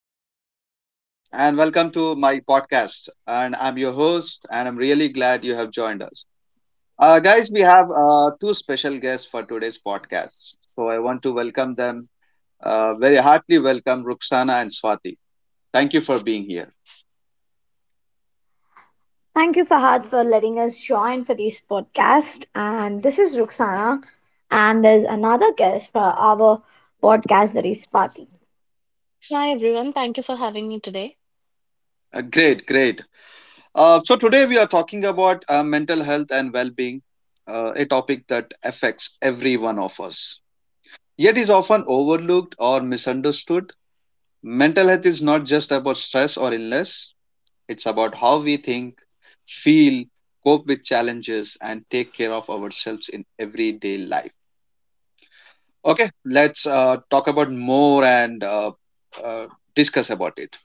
Everyone, and welcome to my podcast. And I'm your host, and I'm really glad you have joined us. Guys, we have two special guests for today's podcast. So I want to welcome them, very heartily welcome Ruxana and Swati. Thank you for being here. Thank you, Fahad, for letting us join for this podcast. And this is Ruxana, and there's another guest for our podcast that is Swati. Hi everyone, thank you for having me today. Great. So today we are talking about mental health and well being, a topic that affects every one of us, yet is often overlooked or misunderstood. Mental health is not just about stress or illness. It's about how we think, feel, cope with challenges, and take care of ourselves in everyday life. Okay, let's talk about more and uh, discuss about it.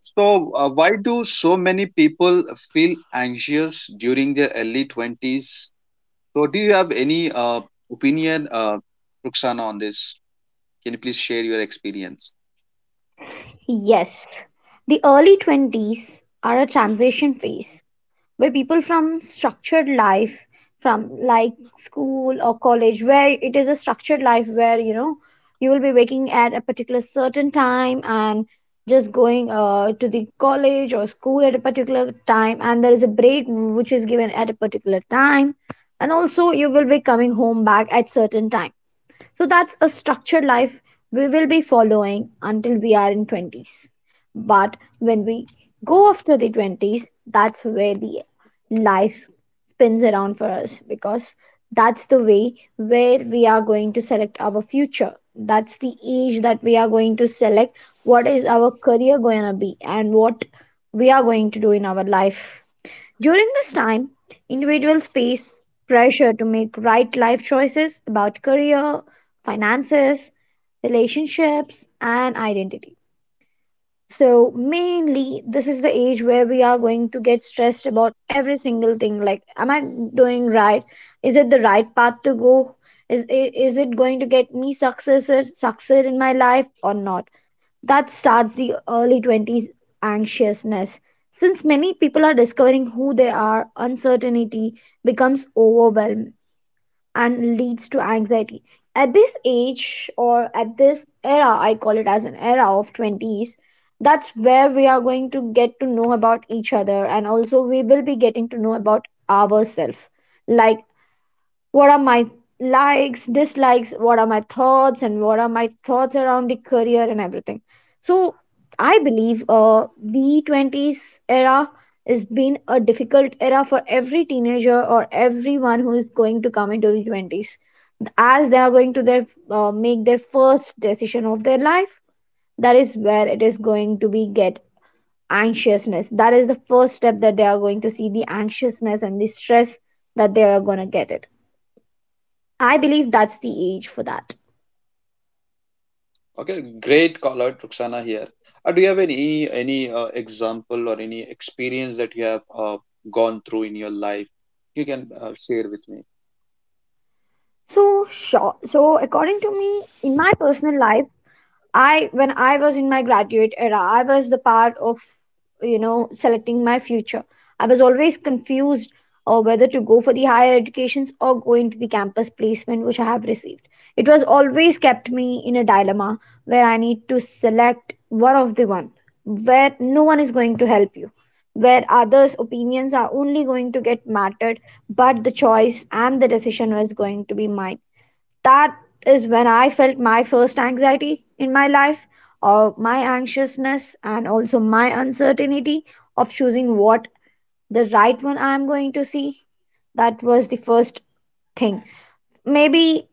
So, why do so many people feel anxious during their early 20s? So, do you have any opinion, Ruxana, on this? Can you please share your experience? Yes, the early 20s are a transition phase where people from structured life from like school or college where it is a structured life where you know you will be waking at a particular certain time and just going to the college or school at a particular time, and there is a break which is given at a particular time, and also you will be coming home back at certain time, so that's a structured life we will be following until we are in 20s. But when we go after the 20s, that's where the life spins around for us, because that's the way where we are going to select our future. That's the age that we are going to select what is our career going to be and what we are going to do in our life. During this time, individuals face pressure to make right life choices about career, finances, relationships, and identity. So, mainly, this is the age where we are going to get stressed about every single thing like, am I doing right? Is it the right path to go? Is it going to get me success in my life or not? That starts the early 20s anxiousness. Since many people are discovering who they are, uncertainty becomes overwhelming and leads to anxiety. At this age, or at this era, I call it as an era of 20s, that's where we are going to get to know about each other, and also we will be getting to know about ourselves. Like, what are my likes, dislikes, what are my thoughts, and what are my thoughts around the career and everything. So I believe the 20s era has been a difficult era for every teenager or everyone who is going to come into the 20s, as they are going to their make their first decision of their life. That is where it is going to be get anxiousness, that is the first step that they are going to see the anxiousness and the stress that they are going to get it. I believe that's the age for that. Okay, great call out, Roxana. Here, do you have any example or any experience that you have gone through in your life? You can share with me. So sure. So according to me, in my personal life, I when I was in my graduate era, I was the part of selecting my future. I was always confused whether to go for the higher educations or go into the campus placement which I have received. It was always kept me in a dilemma where I need to select one of the one, where no one is going to help you, where others' opinions are only going to get mattered, but the choice and the decision was going to be mine. That is when I felt my first anxiety in my life, or my anxiousness, and also my uncertainty of choosing what the right one I am going to see. That was the first thing. Maybe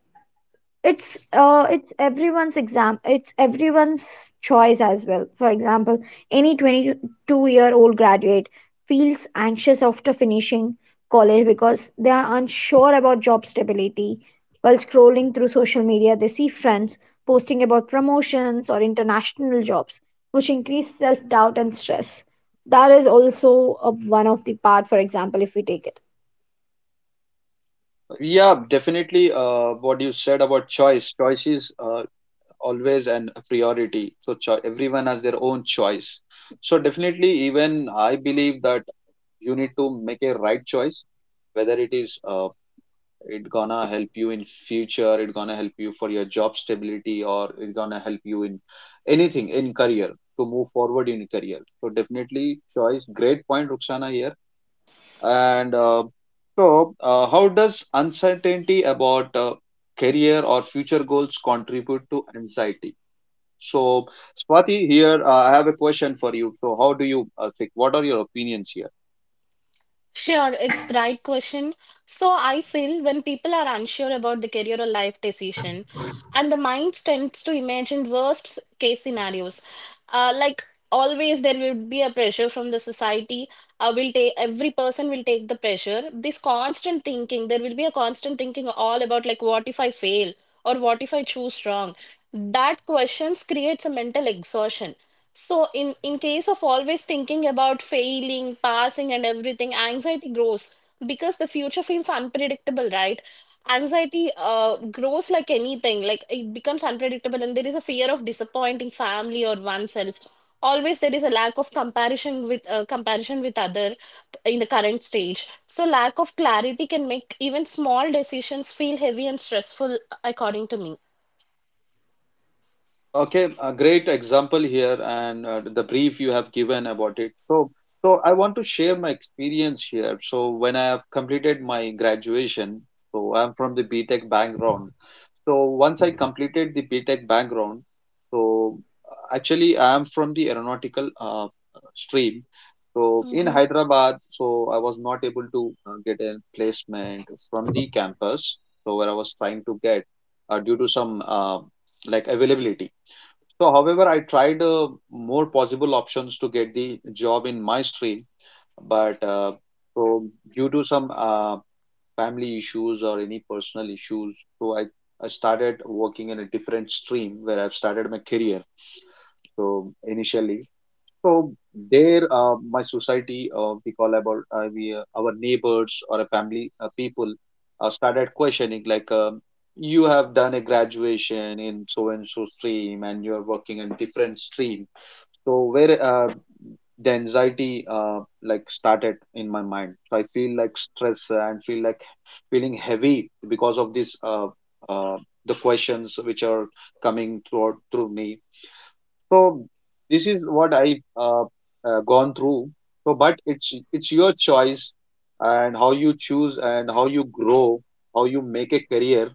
it's everyone's exam it's everyone's choice as well. For example, any 22-year-old graduate feels anxious after finishing college, because they are unsure about job stability. While scrolling through social media, they see friends posting about promotions or international jobs, which increase self doubt and stress. That is also a, one of the part, for example, if we take it. Yeah, definitely. What you said about choice, is always an a priority. So everyone has their own choice. So definitely, even I believe that you need to make a right choice, whether it is it gonna help you in future, it gonna help you for your job stability, or it gonna help you in anything in career, to move forward in career. So definitely, choice, great point, Ruxana here. And so How does uncertainty about career or future goals contribute to anxiety? So Swati here, I have a question for you. So how do you think? What are your opinions here? Sure, it's the right question. So I feel when people are unsure about the career or life decision, and the mind tends to imagine worst case scenarios. Like always, there will be a pressure from the society. Will take Every person will take the pressure. There will be a constant thinking all about like what if I fail or what if I choose wrong. That questions creates a mental exhaustion. So in case of always thinking about failing, passing and everything, anxiety grows because the future feels unpredictable, right? Anxiety grows like anything, like it becomes unpredictable and there is a fear of disappointing family or oneself. Always there is a lack of comparison with other in the current stage. So lack of clarity can make even small decisions feel heavy and stressful, according to Okay, a great example here, and the brief you have given about it. So, so I want to share my experience here. So, when I have completed my graduation, so I'm from the B Tech background. So, once I completed the B Tech background, so actually I am from the aeronautical stream. So, in me. Hyderabad, so I was not able to get a placement from the campus, so where I was trying to get due to some like availability. So, however, I tried more possible options to get the job in my stream, but so due to some family issues or any personal issues, so I started working in a different stream where I've started my career. So initially, so there, my society, we call about we, our neighbors or a family people, started questioning like, you have done a graduation in so and so stream, and you are working in different stream. So where the anxiety like started in my mind. So I feel like stress and feel like feeling heavy because of this uh, the questions which are coming throughout through me. So this is what I uh, gone through. So but it's your choice, and how you choose and how you grow, how you make a career.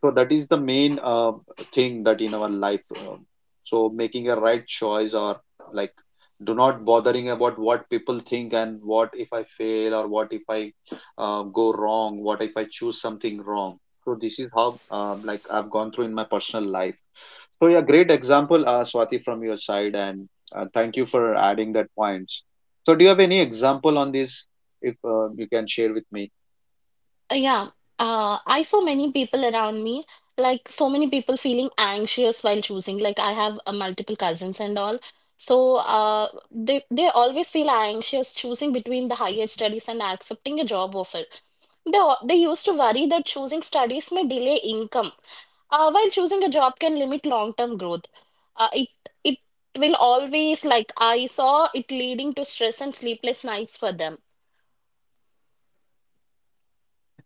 So that is the main thing that in our life, so making a right choice, or like, do not bothering about what people think, and what if I fail, or what if I go wrong, what if I choose something wrong. So this is how like I've gone through in my personal life. So yeah, great example, Swati from your side, and thank you for adding that points. So do you have any example on this? If you can share with me. Uh, Yeah, I saw many people around me, like so many people feeling anxious while choosing. Like I have multiple cousins and all, so they always feel anxious choosing between the higher studies and accepting a job offer. They used to worry that choosing studies may delay income, while choosing a job can limit long-term growth. Uh, it it will always, like, I saw it leading to stress and sleepless nights for them. Okay.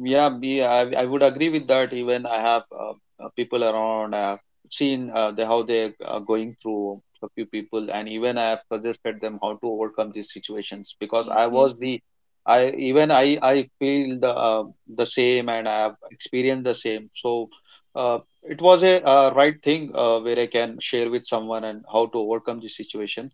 Yeah, I would agree with that. Even I have people around, I have seen how they are going through, a few people, and even I have suggested them how to overcome these situations because I was the, I even I feel the same, and I have experienced the same. So, it was a right thing where I can share with someone and how to overcome this situation.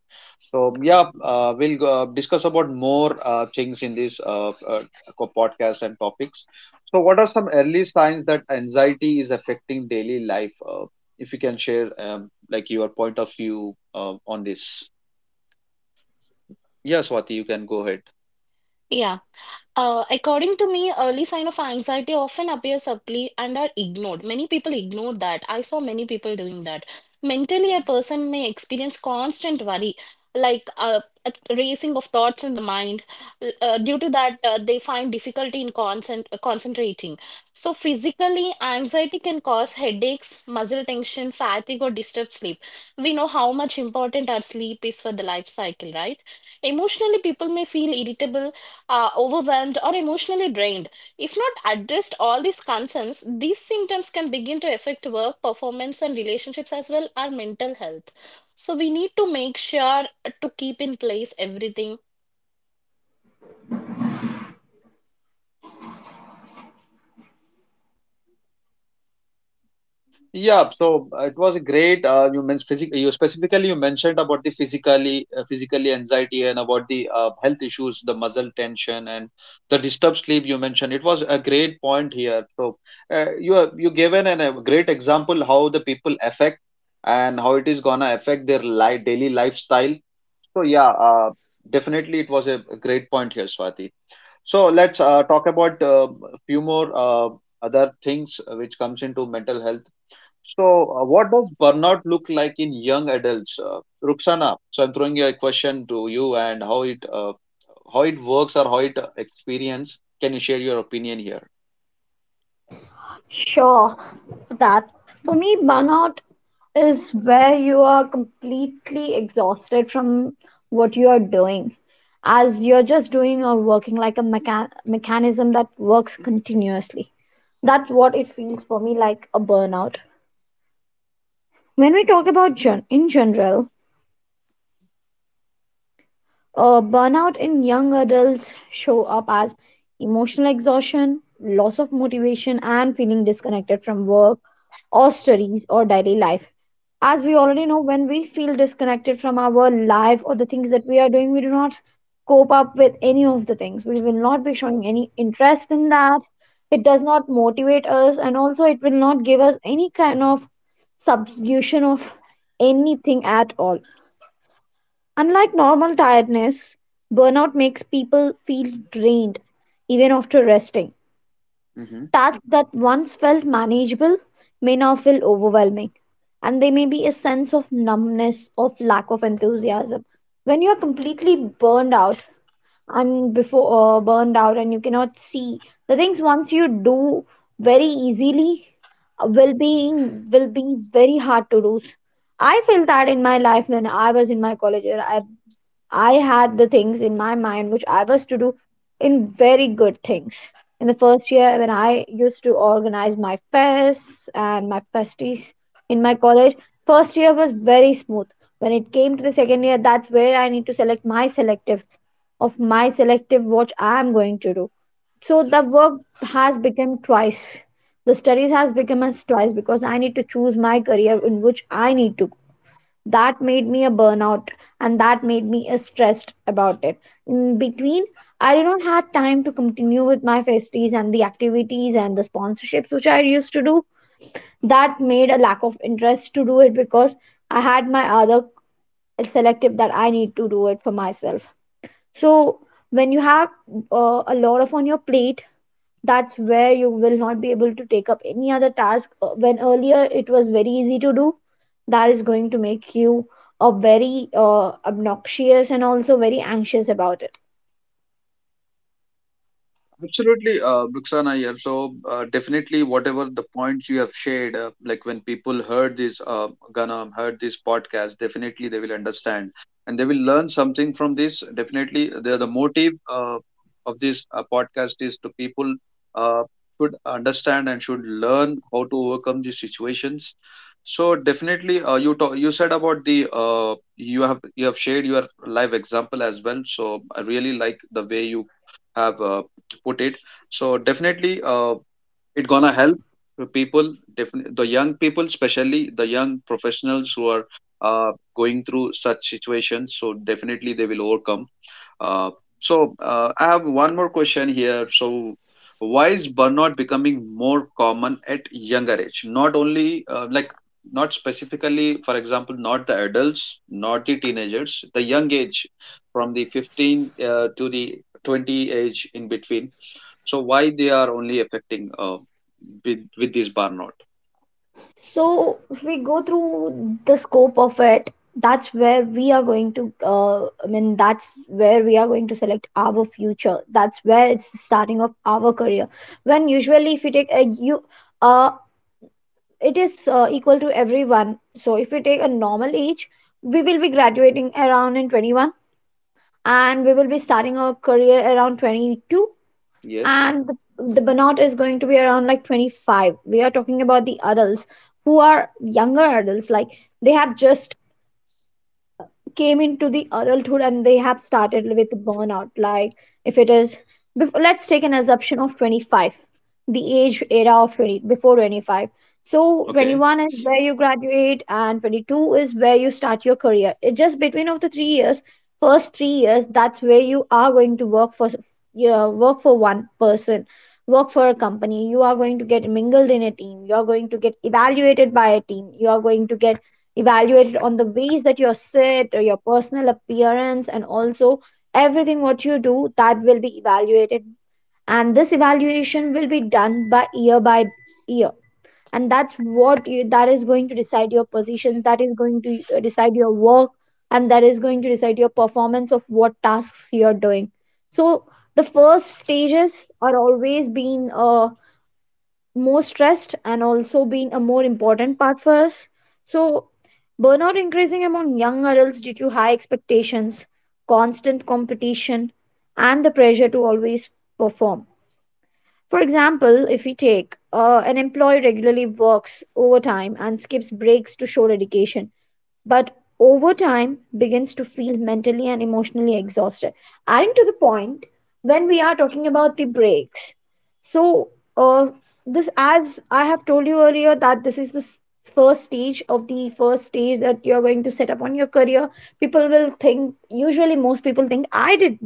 So yeah, we'll discuss about more things in this podcast and topics. So, what are some early signs that anxiety is affecting daily life? If you can share, like your point of view on this. Yeah, Swati, you can go ahead. Yeah. According to me, early sign of anxiety often appear subtly and are ignored. Many people ignore that. I saw many people doing that. Mentally, a person may experience constant worry, like a racing of thoughts in the mind. Due to that, they find difficulty in concentrating. So, physically, anxiety can cause headaches, muscle tension, fatigue, or disturbed sleep. We know how much important our sleep is for the life cycle, right? Emotionally, people may feel irritable are overwhelmed or emotionally drained. If not addressed all these concerns, these symptoms can begin to affect work performance and relationships as well our mental health. So we need to make sure to keep in place everything. Yeah, so it was a great. You mentioned physic. You specifically you mentioned about the physically, physically anxiety and about the health issues, the muscle tension and the disturbed sleep. You mentioned it was a great point here. So you have- you given an, a great example how the people affect and how it is gonna affect their life daily lifestyle. So yeah, definitely it was a great point here, Swati. So let's talk about a few more other things which comes into mental health. So what does burnout look like in young adults, Ruxana? So I'm throwing a question to you, and how it works or how it experience. Can you share your opinion here? Sure, for that. For me, burnout is where you are completely exhausted from what you are doing, as you're just doing or working like a mechanism that works continuously. That's what it feels for me like a burnout. When we talk about in general, burnout in young adults show up as emotional exhaustion, loss of motivation, and feeling disconnected from work or studies or daily life. As we already know, when we feel disconnected from our life or the things that we are doing, we do not cope up with any of the things. We will not be showing any interest in that. It does not motivate us, and also it will not give us any kind of substitution of anything at all. Unlike normal tiredness, burnout makes people feel drained even after resting. Mm-hmm. Tasks that once felt manageable may now feel overwhelming, and there may be a sense of numbness, of lack of enthusiasm. When you are completely burned out, and before burned out, and you cannot see the things once you do very easily, will be very hard to do. I felt that in my life when I was in my college. I had the things in my mind which I was to do in very good things. In the first year, when I used to organize my fests and my festies in my college, first year was very smooth. When it came to the second year, that's where I need to select my selective of my selective what I am going to do. So the work has become twice. The studies has become as twice, because I need to choose my career in which I need to, that made me a burnout, and that made me stressed about it. In between, I did not have time to continue with my festies and the activities and the sponsorships which I used to do. That made a lack of interest to do it, because I had my other selective that I need to do it for myself. So when you have a lot of on your plate, that's where you will not be able to take up any other task when earlier it was very easy to do. That is going to make you a very obnoxious, and also very anxious about it. Absolutely, Bruxana here. So, definitely, whatever the points you have shared, like when people heard this, gonna heard this podcast, definitely they will understand and they will learn something from this. Definitely, the motive of this podcast is to people uh, should understand and should learn how to overcome these situations. So, definitely, you said about the you have shared your live example as well. So, I really like the way you have. Put it. So definitely it gonna help the people, the young people, especially the young professionals who are uh, going through such situations. So definitely they will overcome. uh, I have one more question here. So why is burnout becoming more common at younger age? Not only like, not specifically, for example, not the adults, not the teenagers, the young age, from the 15 to the 20 age in between. So why they are only affecting with this burnout? So if we go through the scope of it, that's where we are going to, I mean, that's where we are going to select our future, that's where it's the starting of our career. When usually if you take a, you, a, it is equal to everyone. So if we take a normal age, we will be graduating around in 21, and we will be starting our career around 22, Yes. and the burnout is going to be around like 25. We are talking about the adults who are younger adults, like they have just came into the adulthood and they have started with burnout. Like, if it is let's take an assumption of 25, the age era of 20 before 25. So Okay. 21 is where you graduate and 22 is where you start your career. It just between of the 3 years, first 3 years, that's where you are going to work for, yeah, work for one person, work for a company. You are going to get mingled in a team, you are going to get evaluated by a team, you are going to get evaluated on the ways that you sit, or your personal appearance, and also everything what you do that will be evaluated. And this evaluation will be done by year by year. And that's that is going to decide your positions, that is going to decide your work, and that is going to decide your performance of what tasks you're doing. So the first stages are always been more stressed and also being a more important part for us. So, burnout increasing among young adults due to high expectations, constant competition, and the pressure to always perform. For example, if we take an employee regularly works overtime and skips breaks to show dedication, but over time begins to feel mentally and emotionally exhausted. Adding to the point, when we are talking about the breaks, so uh, this, as I have told you earlier, that this is the first stage of the first stage that you're going to set up on your career. People will think, usually, most people think, I did,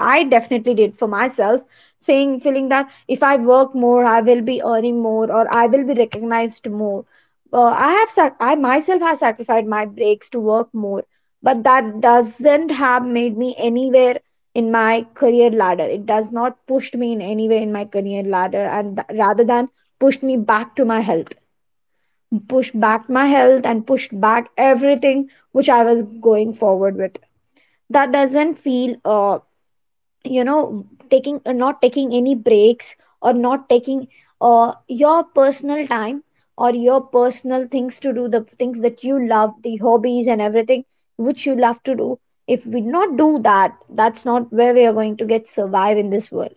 I definitely did for myself, saying feeling that if I work more I will be earning more or I will be recognized more. I have I myself have sacrificed my breaks to work more, but that doesn't have made me anywhere in my career ladder. It does not push me in anywhere in my career ladder, and rather than push me back to my health, push back my health and push back everything which I was going forward with. That doesn't feel. Taking not taking any breaks, or not taking your personal time or your personal things to do the things that you love, the hobbies and everything which you love to do, if we not do that, that's not where we are going to get survive in this world.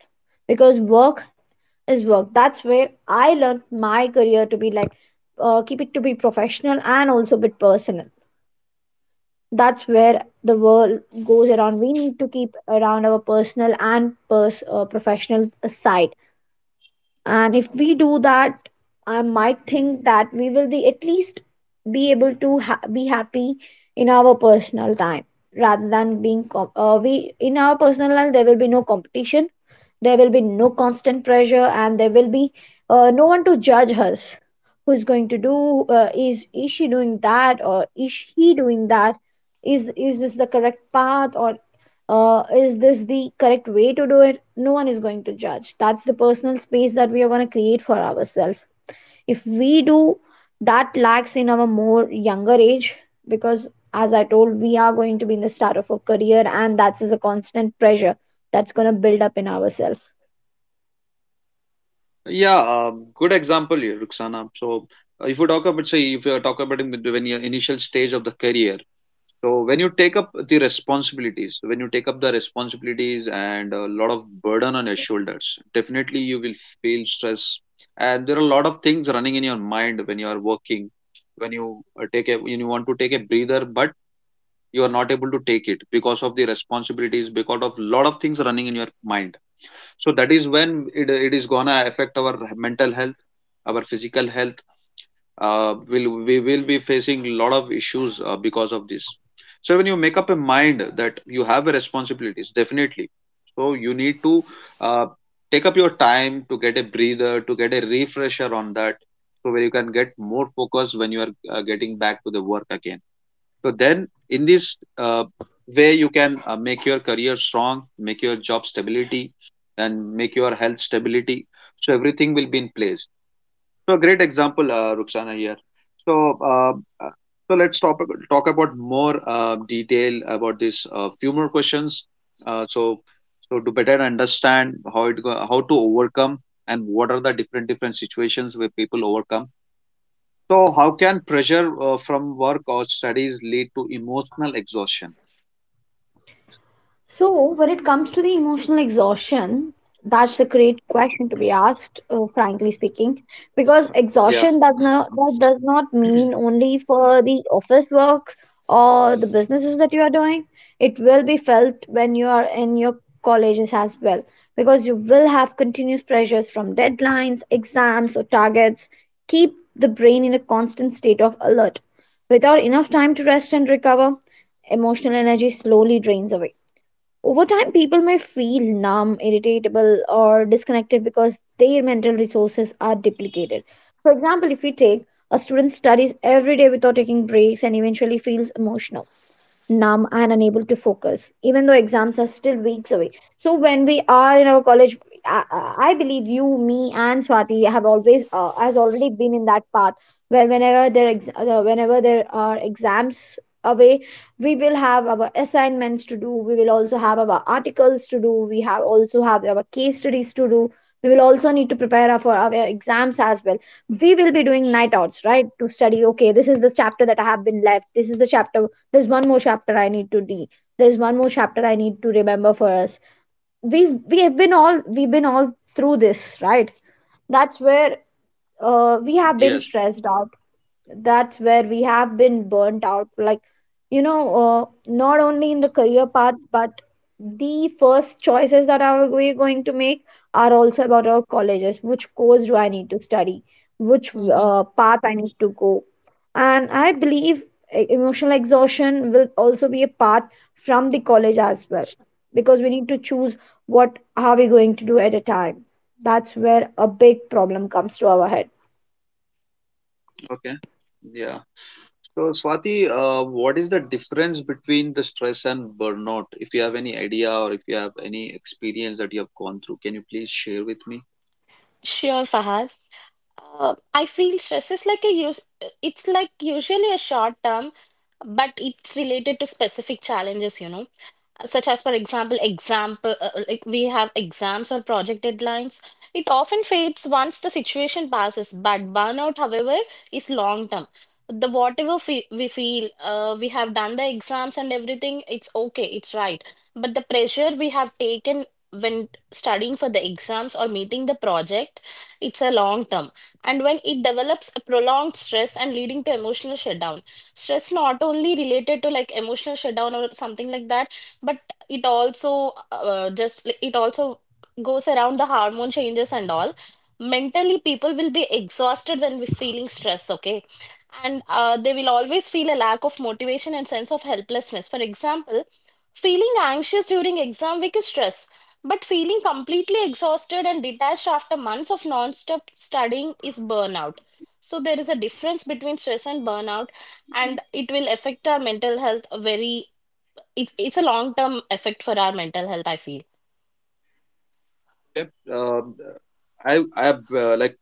Because work is work. That's where I learned my career to be like, keep it to be professional and also bit personal. That's where the world goes around. We need to keep around our personal and professional side, and if we do that, I might think that we will be at least be able to be happy in our personal time rather than being we in our personal life. There will be no competition, there will be no constant pressure, and there will be no one to judge us who's going to do is she doing that or is he doing that, is this the correct path, or is this the correct way to do it? No one is going to judge. That's the personal space that we are going to create for ourselves. If we do, that lacks in our more younger age because, as I told, we are going to be in the start of a career, and that is a constant pressure that's going to build up in ourselves. Yeah, good example here, Ruxana. So, if you talk about, say, if you talk about in the- when your initial stage of the career, so when you take up the responsibilities, when you take up the responsibilities and a lot of burden on your shoulders, definitely you will feel stress. And there are a lot of things running in your mind when you are working, when you when you want to take a breather, but you are not able to take it because of the responsibilities, because of a lot of things running in your mind. So that is when it is gonna affect our mental health, our physical health. Will We will be facing a lot of issues because of this. So when you make up a mind that you have a responsibilities, definitely, so you need to uh, take up your time to get a breather, to get a refresher on that, so where you can get more focus when you are getting back to the work again. So then, in this way, you can make your career strong, make your job stability, and make your health stability. So everything will be in place. So a great example, Ruxana here. So uh, let's talk about more detail about this. Few more questions. Uh, so to better understand how it go, how to overcome and what are the different different situations where people overcome, so, how can pressure from work or studies lead to emotional exhaustion? So, when it comes to the emotional exhaustion, that's a great question to be asked, frankly speaking, because Yeah. exhaustion does not that does not mean only for the office works or the businesses that you are doing. It will be felt when you are in your colleges as well, because you will have continuous pressures from deadlines, exams, or targets. Keep the brain in a constant state of alert. Without enough time to rest and recover, emotional energy slowly drains away. Over time, people may feel numb, irritable, or disconnected because their mental resources are duplicated. For example, if we take a student studies every day without taking breaks and eventually feels emotional, numb and unable to focus even though exams are still weeks away. So when we are in our college, i, I believe you, me, and Swati have always has already been in that path where whenever there whenever there are exams away, we will have our assignments to do, we will also have our articles to do, we have also have our case studies to do, we will also need to prepare for our exams as well. We will be doing night outs, right, to study. Okay, this is the chapter that I have been left, this is the chapter, there's one more chapter I need to de. There's one more chapter I need to remember for us. We've been all through this, right? That's where we have been Yes. stressed out, that's where we have been burnt out, like, not only in the career path, but the first choices that are we going to make are also about our colleges. Which course do I need to study, which Hmm. Path I need to go? And I believe emotional exhaustion will also be a part from the college as well, because we need to choose what are we going to do at a time. That's where a big problem comes to our head. Okay. Yeah. So, Swati, what is the difference between the stress and burnout? If you have any idea or if you have any experience that you have gone through, can you please share with me? Sure, Fahad. I feel stress is it's like usually a short term, but it's related to specific challenges, you know. Such as, for example, like we have exams or project deadlines. It often fades once the situation passes, but burnout, however, is long term. The whatever fe we feel, we have done the exams and everything, it's okay, it's right. But the pressure we have taken when studying for the exams or meeting the project, it's a long term, and when it develops a prolonged stress and leading to emotional shutdown, stress not only related to like emotional shutdown or something like that, but it also just it also goes around the hormone changes and all. Mentally people will be exhausted when we're feeling stress, okay, and they will always feel a lack of motivation and sense of helplessness. For example, feeling anxious during exam week is stress, but feeling completely exhausted and detached after months of non-stop studying is burnout. So there is a difference between stress and burnout, and it will affect our mental health very. It's a long-term effect for our mental health, I feel. Okay. Um, I have like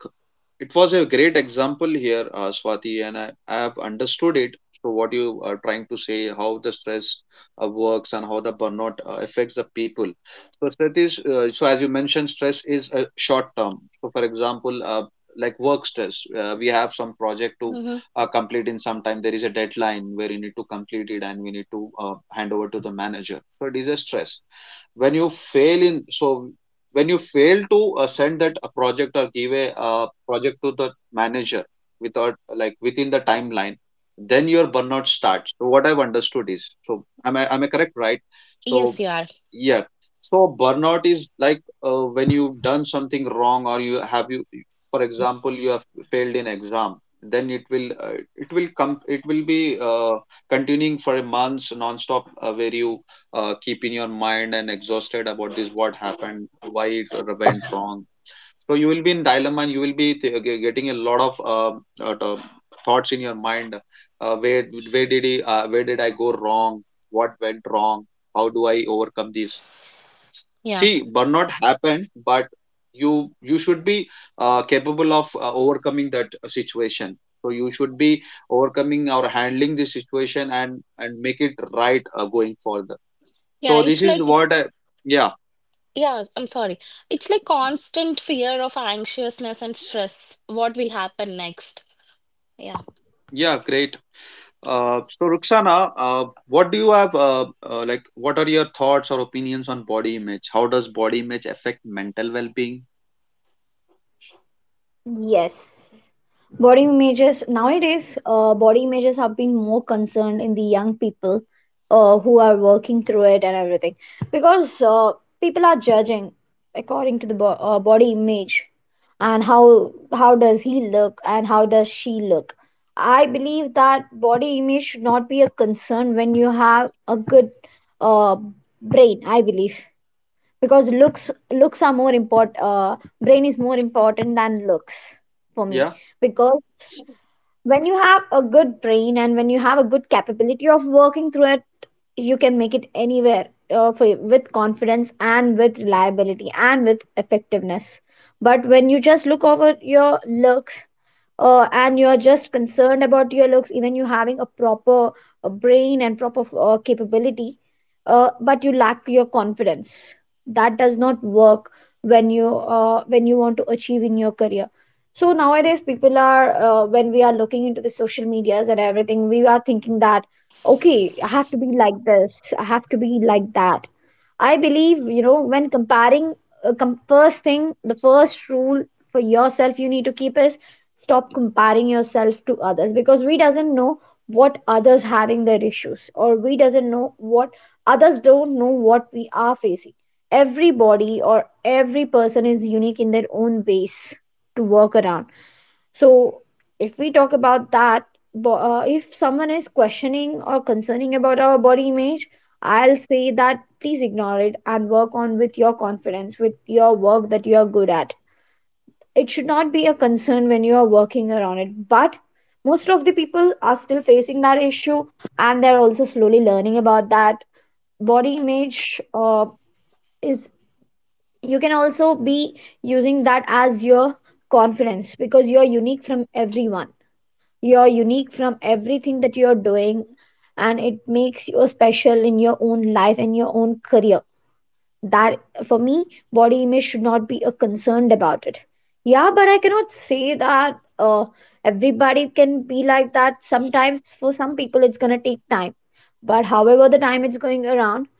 it was a great example here, Swati, and I have understood it. So what you are trying to say, how the stress works and how the burnout affects the people. So stress is so as you mentioned, stress is a short term. So for example, like work stress, we have some project to Hmm. Complete in some time. There is a deadline where you need to complete it, and we need to hand over to the manager. So it is a stress when you fail in when you fail to send that a project or give a project to the manager without, like within the timeline, then your burnout starts. So what I've understood is, so am I correct, right? so Yes, you are. yeah so burnout is like when you've done something wrong or you have you for example, you have failed in exam, then it will come, it will be continuing for a month nonstop, stop where you keep in your mind and exhausted about this what happened, why it went wrong. So you will be in dilemma and you will be getting a lot of thoughts in your mind, where, where did I go wrong, what went wrong, how do I overcome this? Yeah. See, burnout happened, but you should be capable of overcoming that situation. So you should be overcoming or handling the situation and make it right going further. Yeah, So this it's is like, what I, yeah. yeah, I'm sorry. It's like constant fear of anxiousness and stress. What will happen next? Yeah. Yeah, great. So, Ruxana, what do you have, like, what are your thoughts or opinions on body image? How does body image affect mental well-being? Yes. Body images nowadays, body images have been more concerned in the young people who are working through it and everything, because people are judging according to the body image, and how does he look and how does she look. I believe that body image should not be a concern when you have a good uh, brain, I believe, because looks are more important, brain is more important than looks, for me. Yeah. Because when you have a good brain and when you have a good capability of working through it, you can make it anywhere, for, with confidence and with reliability and with effectiveness. But when you just look over your looks, and you're just concerned about your looks, even you having a proper brain and proper capability, but you lack your confidence, that does not work when you want to achieve in your career. So nowadays people are when we are looking into the social medias and everything, we are thinking that okay, I have to be like this, I have to be like that. I believe, you know, when comparing, first thing, the first rule for yourself you need to keep is stop comparing yourself to others, because we doesn't know what others having their issues, or we doesn't know what others don't know what we are facing. Everybody or every person is unique in their own ways to work around. So if we talk about that, if someone is questioning or concerning about our body image, I'll say that please ignore it and work on with your confidence, with your work that you are good at. It should not be a concern when you are working around it. But most of the people are still facing that issue, and they're also slowly learning about that. Body image is, you can also be using that as your confidence, because you're unique from everyone. You're unique from everything that you're doing, and it makes you special in your own life and your own career. That, for me, body image should not be a concerned about it. Yeah, but I cannot say that everybody can be like that. Sometimes for some people it's going to take time, but however the time it's going around,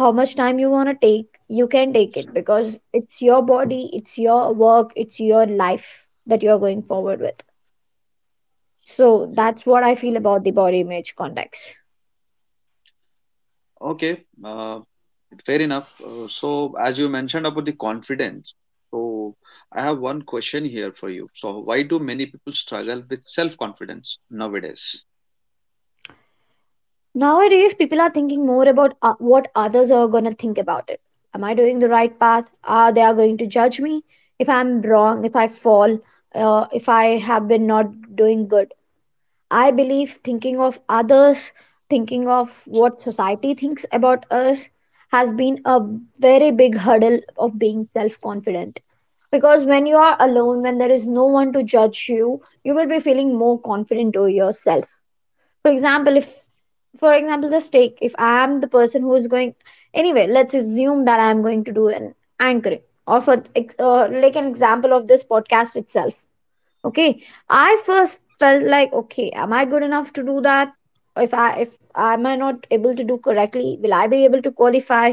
how much time you want to take, you can take it, because it's your body, it's your work, it's your life that you're going forward with. So that's what I feel about the body image context. Okay, uh, fair enough. So, as you mentioned about the confidence, so I have one question here for you. So why do many people struggle with self confidence nowadays? Nowadays, people are thinking more about what others are going to think about it. Am I doing the right path? Are they are going to judge me if I'm wrong, if I fall, if I have been not doing good? I believe thinking of others, thinking of what society thinks about us, has been a very big hurdle of being self confident. Because when you are alone, when there is no one to judge you, you will be feeling more confident to yourself. For example, if, for example, just take, if I am the person who is going, anyway, let's assume that I am going to do an anchoring, or for, or like an example of this podcast itself. Okay, I first felt like, okay, am I good enough to do that? If am I not able to do correctly, will I be able to qualify,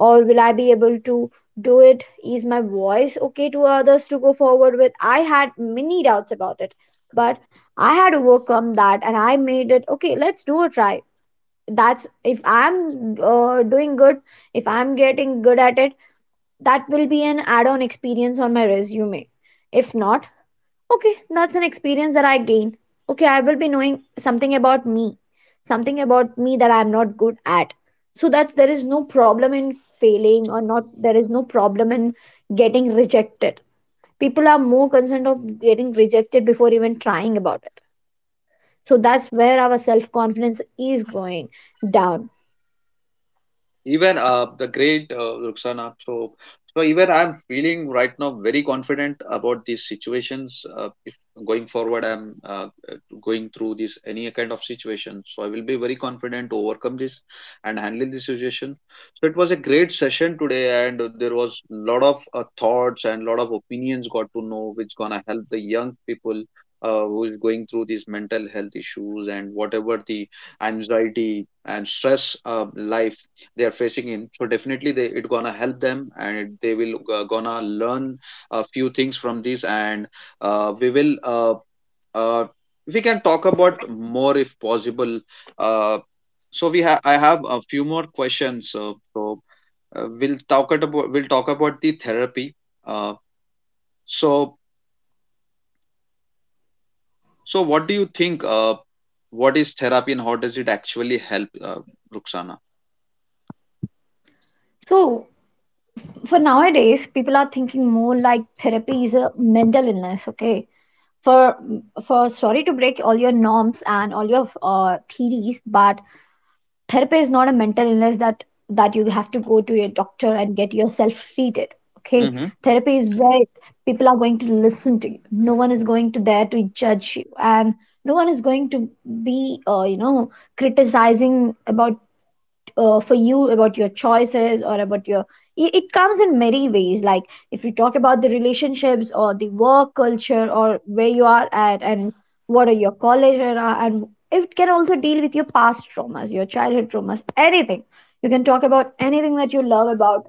or will I be able to do it? Is my voice okay to others to go forward with? I had many doubts about it, but I had overcome that and I made it okay, let's do a try. That's, if I'm doing good, if I'm getting good at it, that will be an add-on experience on my resume. If not, okay, that's an experience that I gain. Okay, I will be knowing something about me that I am not good at. So that there is no problem in failing or not, there is no problem in getting rejected. People are more concerned of getting rejected before even trying about it. So that's where our self confidence is going down. Even the great, Ruxana. So, so even I'm feeling right now very confident about these situations. If going forward, I'm, going through this any kind of situation, so I will be very confident to overcome this and handle this situation. So it was a great session today, and there was a lot of thoughts and lot of opinions got to know, which gonna help the young people. Who is going through these mental health issues and whatever the anxiety and stress life they are facing in, so definitely they, it gonna help them and they will gonna learn a few things from this. And we will, uh, we can talk about more if possible. uh, so we have, I have a few more questions, so we'll talk about the therapy. uh, so so what do you think, what is therapy and how does it actually help, Ruxana? So for nowadays, people are thinking more like therapy is a mental illness. Okay, for for sorry to break all your norms and all your theories, but therapy is not a mental illness that you have to go to your doctor and get yourself treated. Okay, therapy is where people are going to listen to you, no one is going to there to judge you, and no one is going to be criticizing about for you, about your choices or about your, it comes in many ways, like if you talk about the relationships, or the work culture, or where you are at, and what are your college era. And it can also deal with your past traumas, your childhood traumas, anything. You can talk about anything that you love about,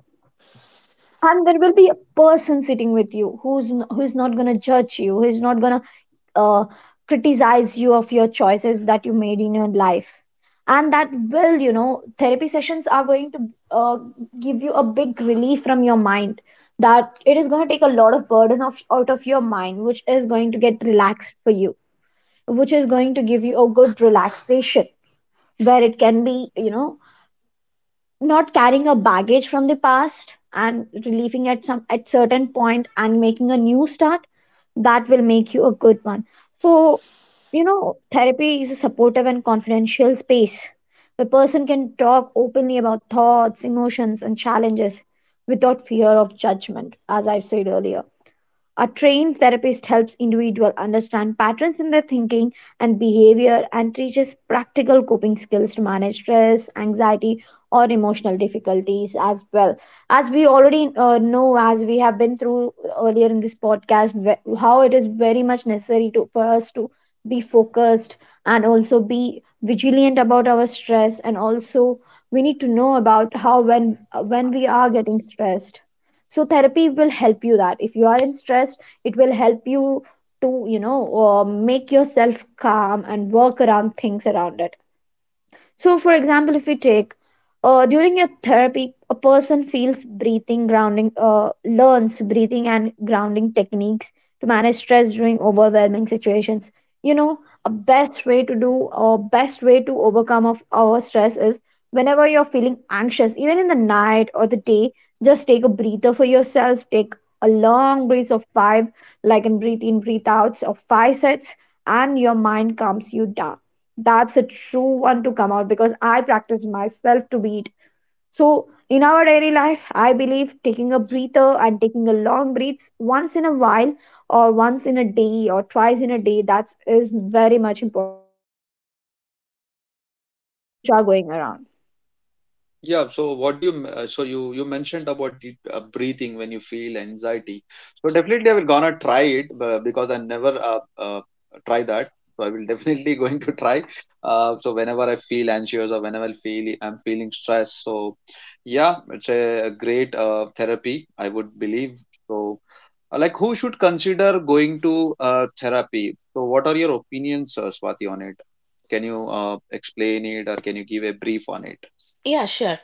and there will be a person sitting with you who's who is not going to judge you, who is not going to criticize you of your choices that you made in your life. And that will, you know, therapy sessions are going to uh, give you a big relief from your mind, that it is going to take a lot of burden of, out of your mind, which is going to get relaxed for you, which is going to give you a good relaxation. Where it can be, you know, not carrying a baggage from the past and relieving at some at certain point and making a new start, that will make you a good one. So, you know, therapy is a supportive and confidential space. The person can talk openly about thoughts, emotions, and challenges without fear of judgment. As I said earlier, a trained therapist helps individuals understand patterns in their thinking and behavior, and teaches practical Coping skills to manage stress, anxiety, or emotional difficulties as well. As we already know, as we have been through earlier in this podcast, how it is very much necessary to, for us to be focused, and also be vigilant about our stress. And also we need to know about how when we are getting stressed. So therapy will help you that if you are in stress, it will help you to make yourself calm and work around things around it. So, for example, if we take during a therapy, a person learns breathing and grounding techniques to manage stress during overwhelming situations. You know, a best way to do or best way to overcome of our stress is whenever you're feeling anxious, even in the night or the day, just take a breather for yourself. Take a long breath of five, like in, breathe outs of five sets, and your mind calms you down. That's a true one to come out, because I practice myself to be it. So in our daily life, I believe taking a breather and taking a long breaths once in a while, or once in a day or twice in a day, that is very much important for us to cope up with all the things which which are going around. Yeah, so what do you, so you mentioned about the breathing when you feel anxiety. So definitely I will gonna try it, because I never, try that. So I will definitely going to try. So whenever I feel anxious or whenever I feel I'm feeling stressed, so yeah, it's a great therapy, I would believe. So like, who should consider going to therapy? So what are your opinions, Swati, on it? Can you explain it or can you give a brief on it? Yeah, sure.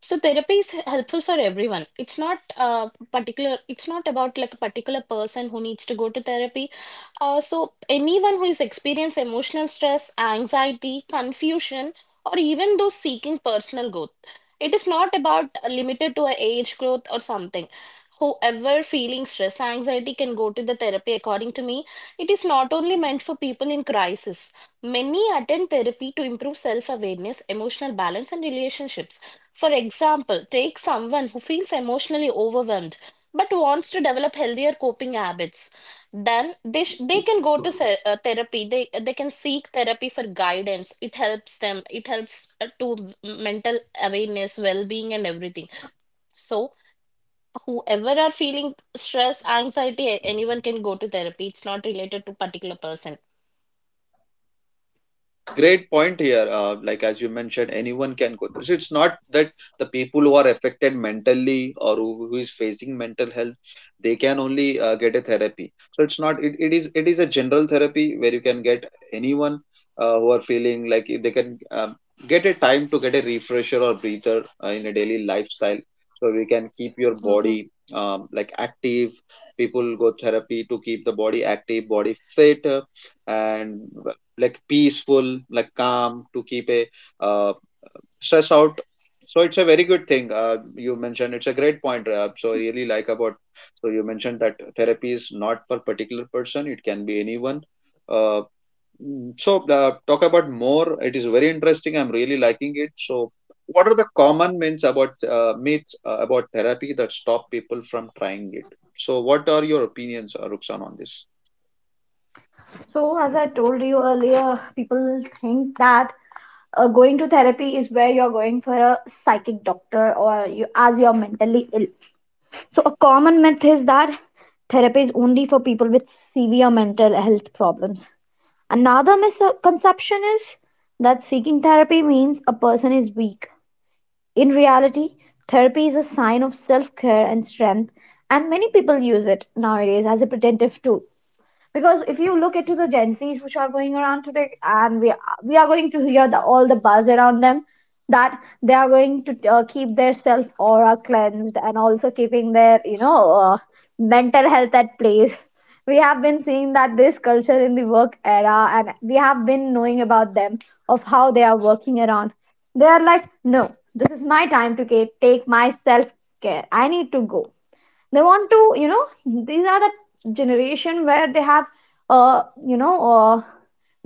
So therapy is helpful for everyone. It's not particular. It's not about like a particular person who needs to go to therapy. So anyone who is experienced emotional stress, anxiety, confusion, or even those seeking personal growth. It is not about limited to a age growth or something. However, feeling stress, anxiety can go to the therapy. According to me, it is not only meant for people in crisis. Many attend therapy to improve self awareness, emotional balance, and relationships. For example, take someone who feels emotionally overwhelmed but wants to develop healthier coping habits. Then they can go to therapy. They can seek therapy for guidance. It helps them, it helps to mental awareness, well being, and everything. So, whoever are feeling stress, anxiety, anyone can go to therapy. It's not related to particular person. Uh, great point here. Like, as you mentioned, anyone can go through. So it's not that the people who are affected mentally or who is facing mental health, they can only get a therapy. So it's not. It is a general therapy where you can get anyone who are feeling like, if they can get a time to get a refresher or breather in a daily lifestyle. So we can keep your body like, active. People go therapy to keep the body active, body fit. And like, peaceful, like calm, to keep a uh, stress out. So it's a very good thing, you mentioned, it's a great point. So I really like about, so you mentioned that therapy is not for particular person, it can be anyone. uh, mm, so, talk about more, it is very interesting, I'm really liking it. So what are the common myths about, myths about therapy that stop people from trying it? So what are your opinions, Ruksan, on this? So as I told you earlier, people think that going to therapy is where you're going for a psychic doctor, or you as you're mentally ill. So, a common myth is that therapy is only for people with severe mental health problems. Another misconception is that seeking therapy means a person is weak. In reality, therapy is a sign of self care and strength, and many people use it nowadays as a preventative tool, because if you look into the Gen Zs which are going around today, we are going to hear all the buzz around them, that they are going to keep their self aura cleansed, and also keeping their mental health at place. We have been seeing that this culture in the work era, and we have been knowing about them of how they are working around. They are like, no, this is my time to take my self care. I need to go. They want to, you know, these are the generation where they have uh you know uh,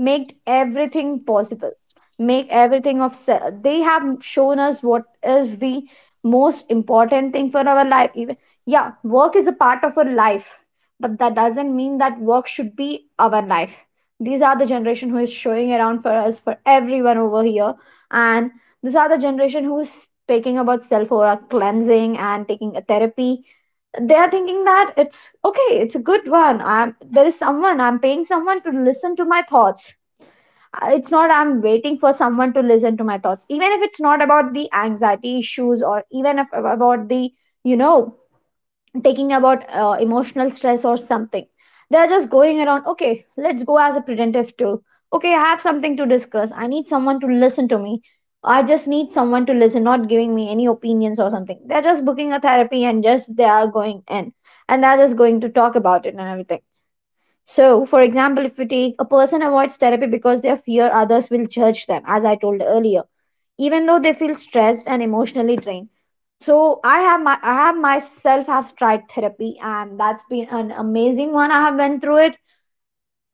made everything possible. Make everything of se- They have shown us what is the most important thing for our life. Even, yeah, work is a part of our life, but that doesn't mean that work should be our life. These are the generation who is showing around for us, for everyone over here. And these are the generation who is taking about self or cleansing and taking a therapy. They are thinking that it's okay, it's a good one. I'm There is someone, I'm paying someone to listen to my thoughts. It's not I'm waiting for someone to listen to my thoughts, even if it's not about the anxiety issues, or even if about the, you know, taking about emotional stress or something. They're just going around, okay, let's go as a preventive tool. Okay, I have something to discuss, I need someone to listen to me. I just need someone to listen, not giving me any opinions or something. They're just booking a therapy, and just they are going in, and they're just going to talk about it and everything. So for example, if we take a person avoids therapy because they fear others will judge them, as I told earlier, even though they feel stressed and emotionally drained. So I have myself have tried therapy, and that's been an amazing one. I have went through it.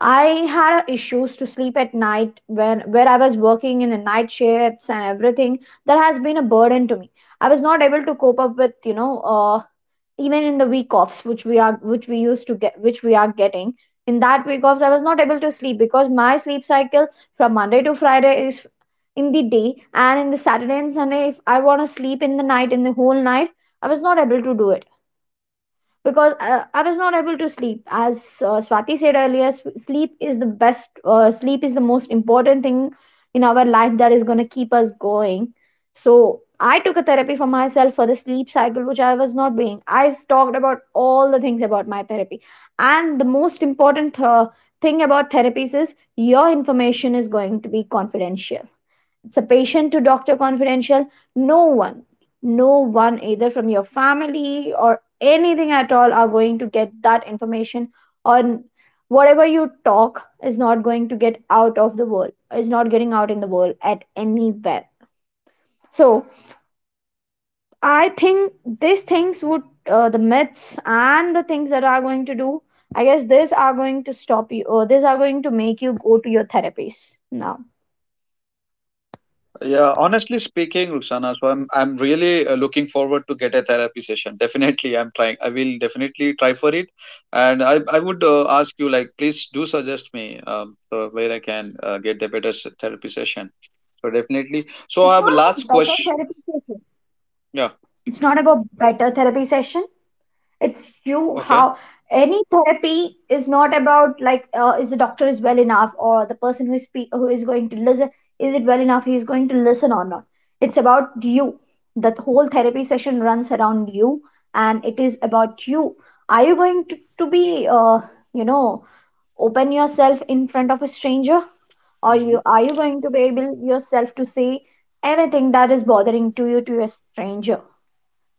I had a issues to sleep at night, when where I was working in the night shifts and everything. That has been a burden to me. I was not able to cope up with, you know, even in the week offs which we used to get, which we are getting. In that week offs, I was not able to sleep, because my sleep cycle from Monday to Friday is in the day, and in the Saturday and Sunday, if I want to sleep in the night, in the whole night, I was not able to do it. Because I was not able to sleep. As Swati said earlier, sleep is the best, sleep is the most important thing in our life, that is going to keep us going. So I took a therapy for myself for the sleep cycle, which I was not being. I talked about all the things about my therapy. And the most important thing about therapies is your information is going to be confidential. It's a patient to doctor confidential. No one, no one either from your family or anything at all are going to get that information. Or whatever you talk is not going to get out of the world. It's not getting out in the world at anywhere. So I think these things would, the myths and the things that are going to do, I guess these are going to stop you, or these are going to make you go to your therapies now. Yeah, honestly speaking, Ruxana, so I'm really looking forward to get a therapy session. Definitely, I'm trying. I will definitely try for it, and I would, ask you like, please do suggest me where I can get the better therapy session. So definitely. So It's I have not a last about better question. therapy cases. Yeah. It's not about better therapy session. It's you Okay. how any therapy is not about like, is the doctor is well enough, or the person who is who is going to listen, is it well enough, he is going to listen or not. It's about you. The whole therapy session runs around you, and it is about you. Are you going to be you know open yourself in front of a stranger, or Mm-hmm. You going to be able yourself to say everything that is bothering to you to a stranger.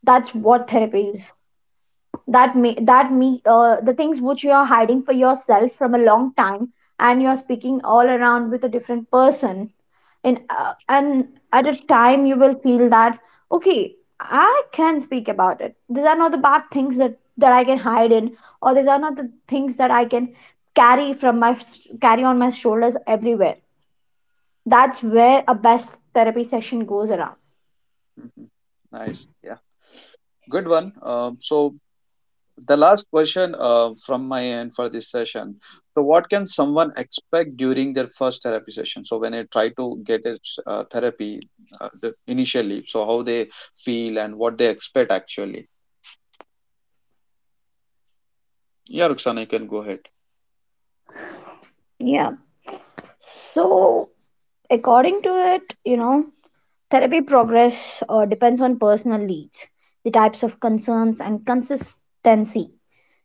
That's what therapy is. That may, that me the things which you are hiding for yourself from a long time, and you're speaking all around with a different person. And at a time you will feel that, okay, I can speak about it. These are not the bad things that I can hide in, or these are not the things that I can carry from my carry on my shoulders everywhere. That's where a best therapy session goes around. Mm-hmm. Nice. Yeah. Good one. Um, so the last question, from my end for this session, so what can someone expect during their first therapy session? So when they try to get a therapy, initially, so how they feel and what they expect actually. Yeah, Ruxana, you can go ahead. Yeah, so according to it, you know, therapy progress depends on personal needs, the types of concerns, and consistency.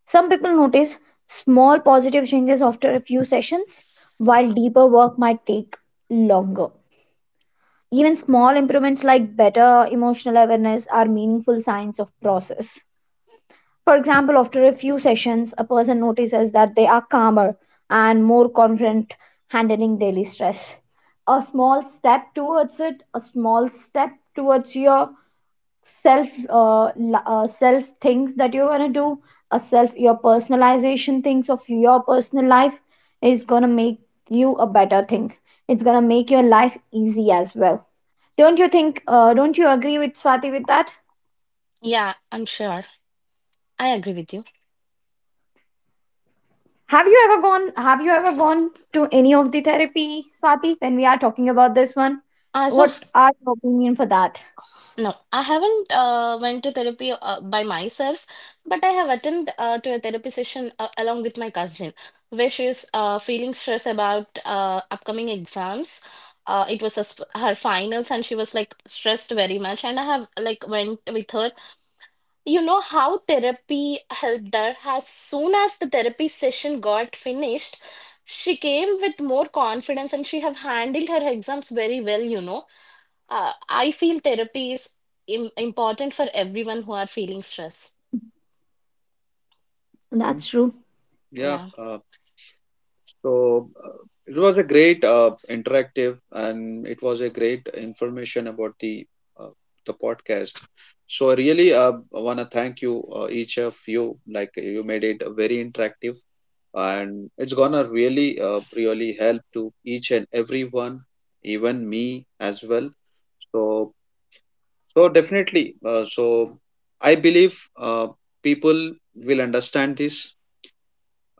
Some people notice small positive changes after a few sessions, while deeper work might take longer. Even small improvements like better emotional awareness are meaningful signs of process. For example, after a few sessions, a person notices that they are calmer and more confident handling daily stress. A small step towards it, a small step towards your self, things that you want to do, a self, your personalization, things of your personal life, is going to make you a better thing. It's going to make your life easy as well. Don't you think, don't you agree with Swati with that? Yeah, I'm sure. I agree with you. Have you ever gone, have you ever gone to any of the therapy, Swati, when we are talking about this one? As What of are your opinion for that? no, I haven't went to therapy by myself, but I have attended to a therapy session along with my cousin, where she is feeling stress about upcoming exams. It was a sp- her finals, and she was like stressed very much. And I have like went with her. You know how therapy helped her? As soon as the therapy session got finished, she came with more confidence and she have handled her exams very well, you know. I feel therapy is important for everyone who are feeling stress. Uh-huh. That's true. Yeah. Yeah, so it was a great interactive, and it was a great information about uh, the podcast. So I really want to thank you, each of you. Like, you made it very interactive, and it's gonna really, really help to each and everyone, even me as well. So, so definitely. So I believe, people will understand this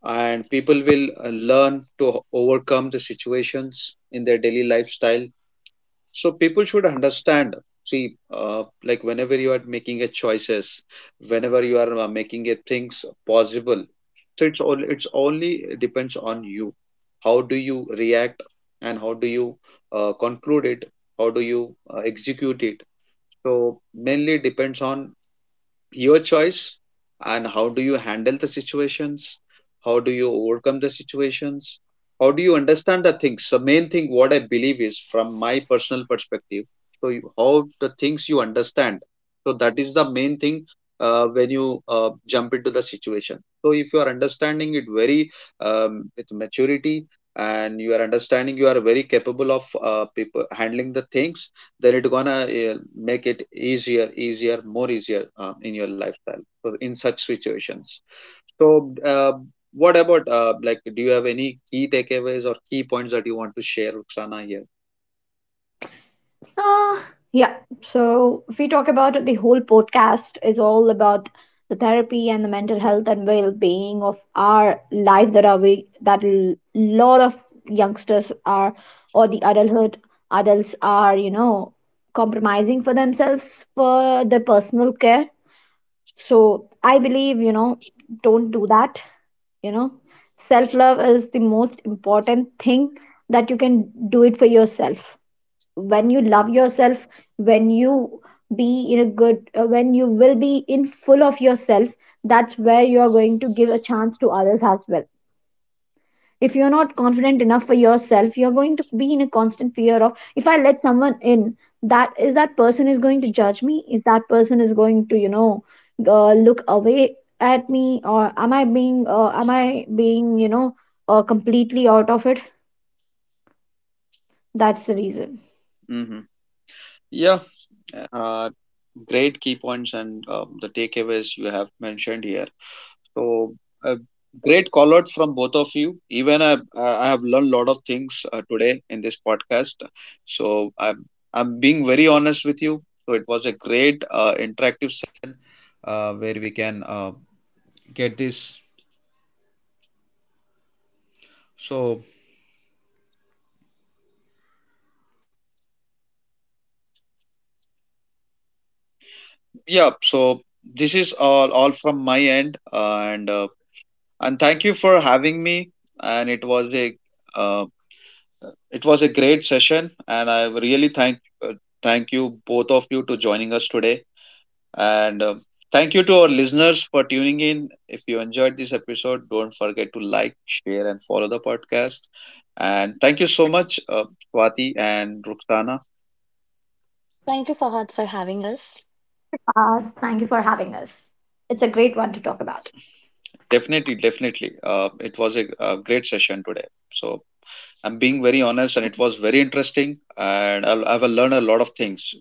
and people will learn to overcome the situations in their daily lifestyle. So people should understand, see, like, whenever you are making a choices, whenever you are, making a things possible, so it's all, it's only depends on you. How do you react and how do you conclude it? How do you execute it? So mainly depends on your choice and how do you handle the situations, how do you overcome the situations, how do you understand the things? So main thing what I believe is, from my personal perspective, so you, how the things you understand, so that is the main thing. When you jump into the situation, so if you are understanding it very, with maturity, and you are understanding, you are very capable of people handling the things, then it gonna make it easier, more easier, in your lifestyle, so in such situations. So what about, like, do you have any key takeaways or key points that you want to share, Ruxana, here? Uh, yeah. So if we talk about, the whole podcast is all about the therapy and the mental health and well-being of our life, that are we, that a lot of youngsters are, or the adulthood, adults are, you know, compromising for themselves for their personal care. So I believe, you know, don't do that. You know, self-love is the most important thing that you can do it for yourself. When you love yourself, when you be in a good, when you will be in full of yourself, that's where you're going to give a chance to others as well. If you're not confident enough for yourself, you're going to be in a constant fear of, if I let someone in, that is that person is going to judge me, is that person is going to, you know, look away at me, or am I being, am I being, you know, completely out of it. That's the reason. Mm-hmm. Yeah, uh, great key points and the takeaways you have mentioned here. So, a great call out from both of you. Even I have learned a lot of things today in this podcast. So, I'm being very honest with you. So, it was a great interactive. Yeah, so this is all from my end, and thank you for having me. And uh, it was a great session, and I really thank, uh, thank you both of you to joining us today. And um, thank you to our listeners for tuning in. If you enjoyed this episode, don't forget to like, share, and follow the podcast. And thank you so much, Swati and Ruxana. thank you Fahad for having us. Thank you for having us. It's a great one to talk about. Definitely, definitely. It was a great session today. So I'm being very honest, and it was very interesting, and I will learn a lot of things.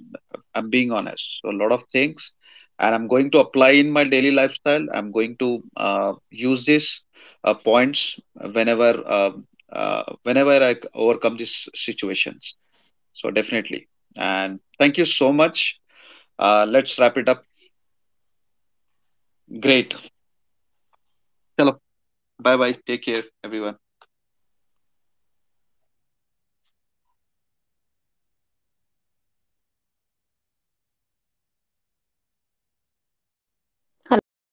I'm being honest, so a lot of things, and I'm going to apply in my daily lifestyle. I'm going to use these points whenever, whenever I overcome these situations. So definitely, and thank you so much. Let's wrap it up. Great. Hello. Bye bye. Take care, everyone. Hello.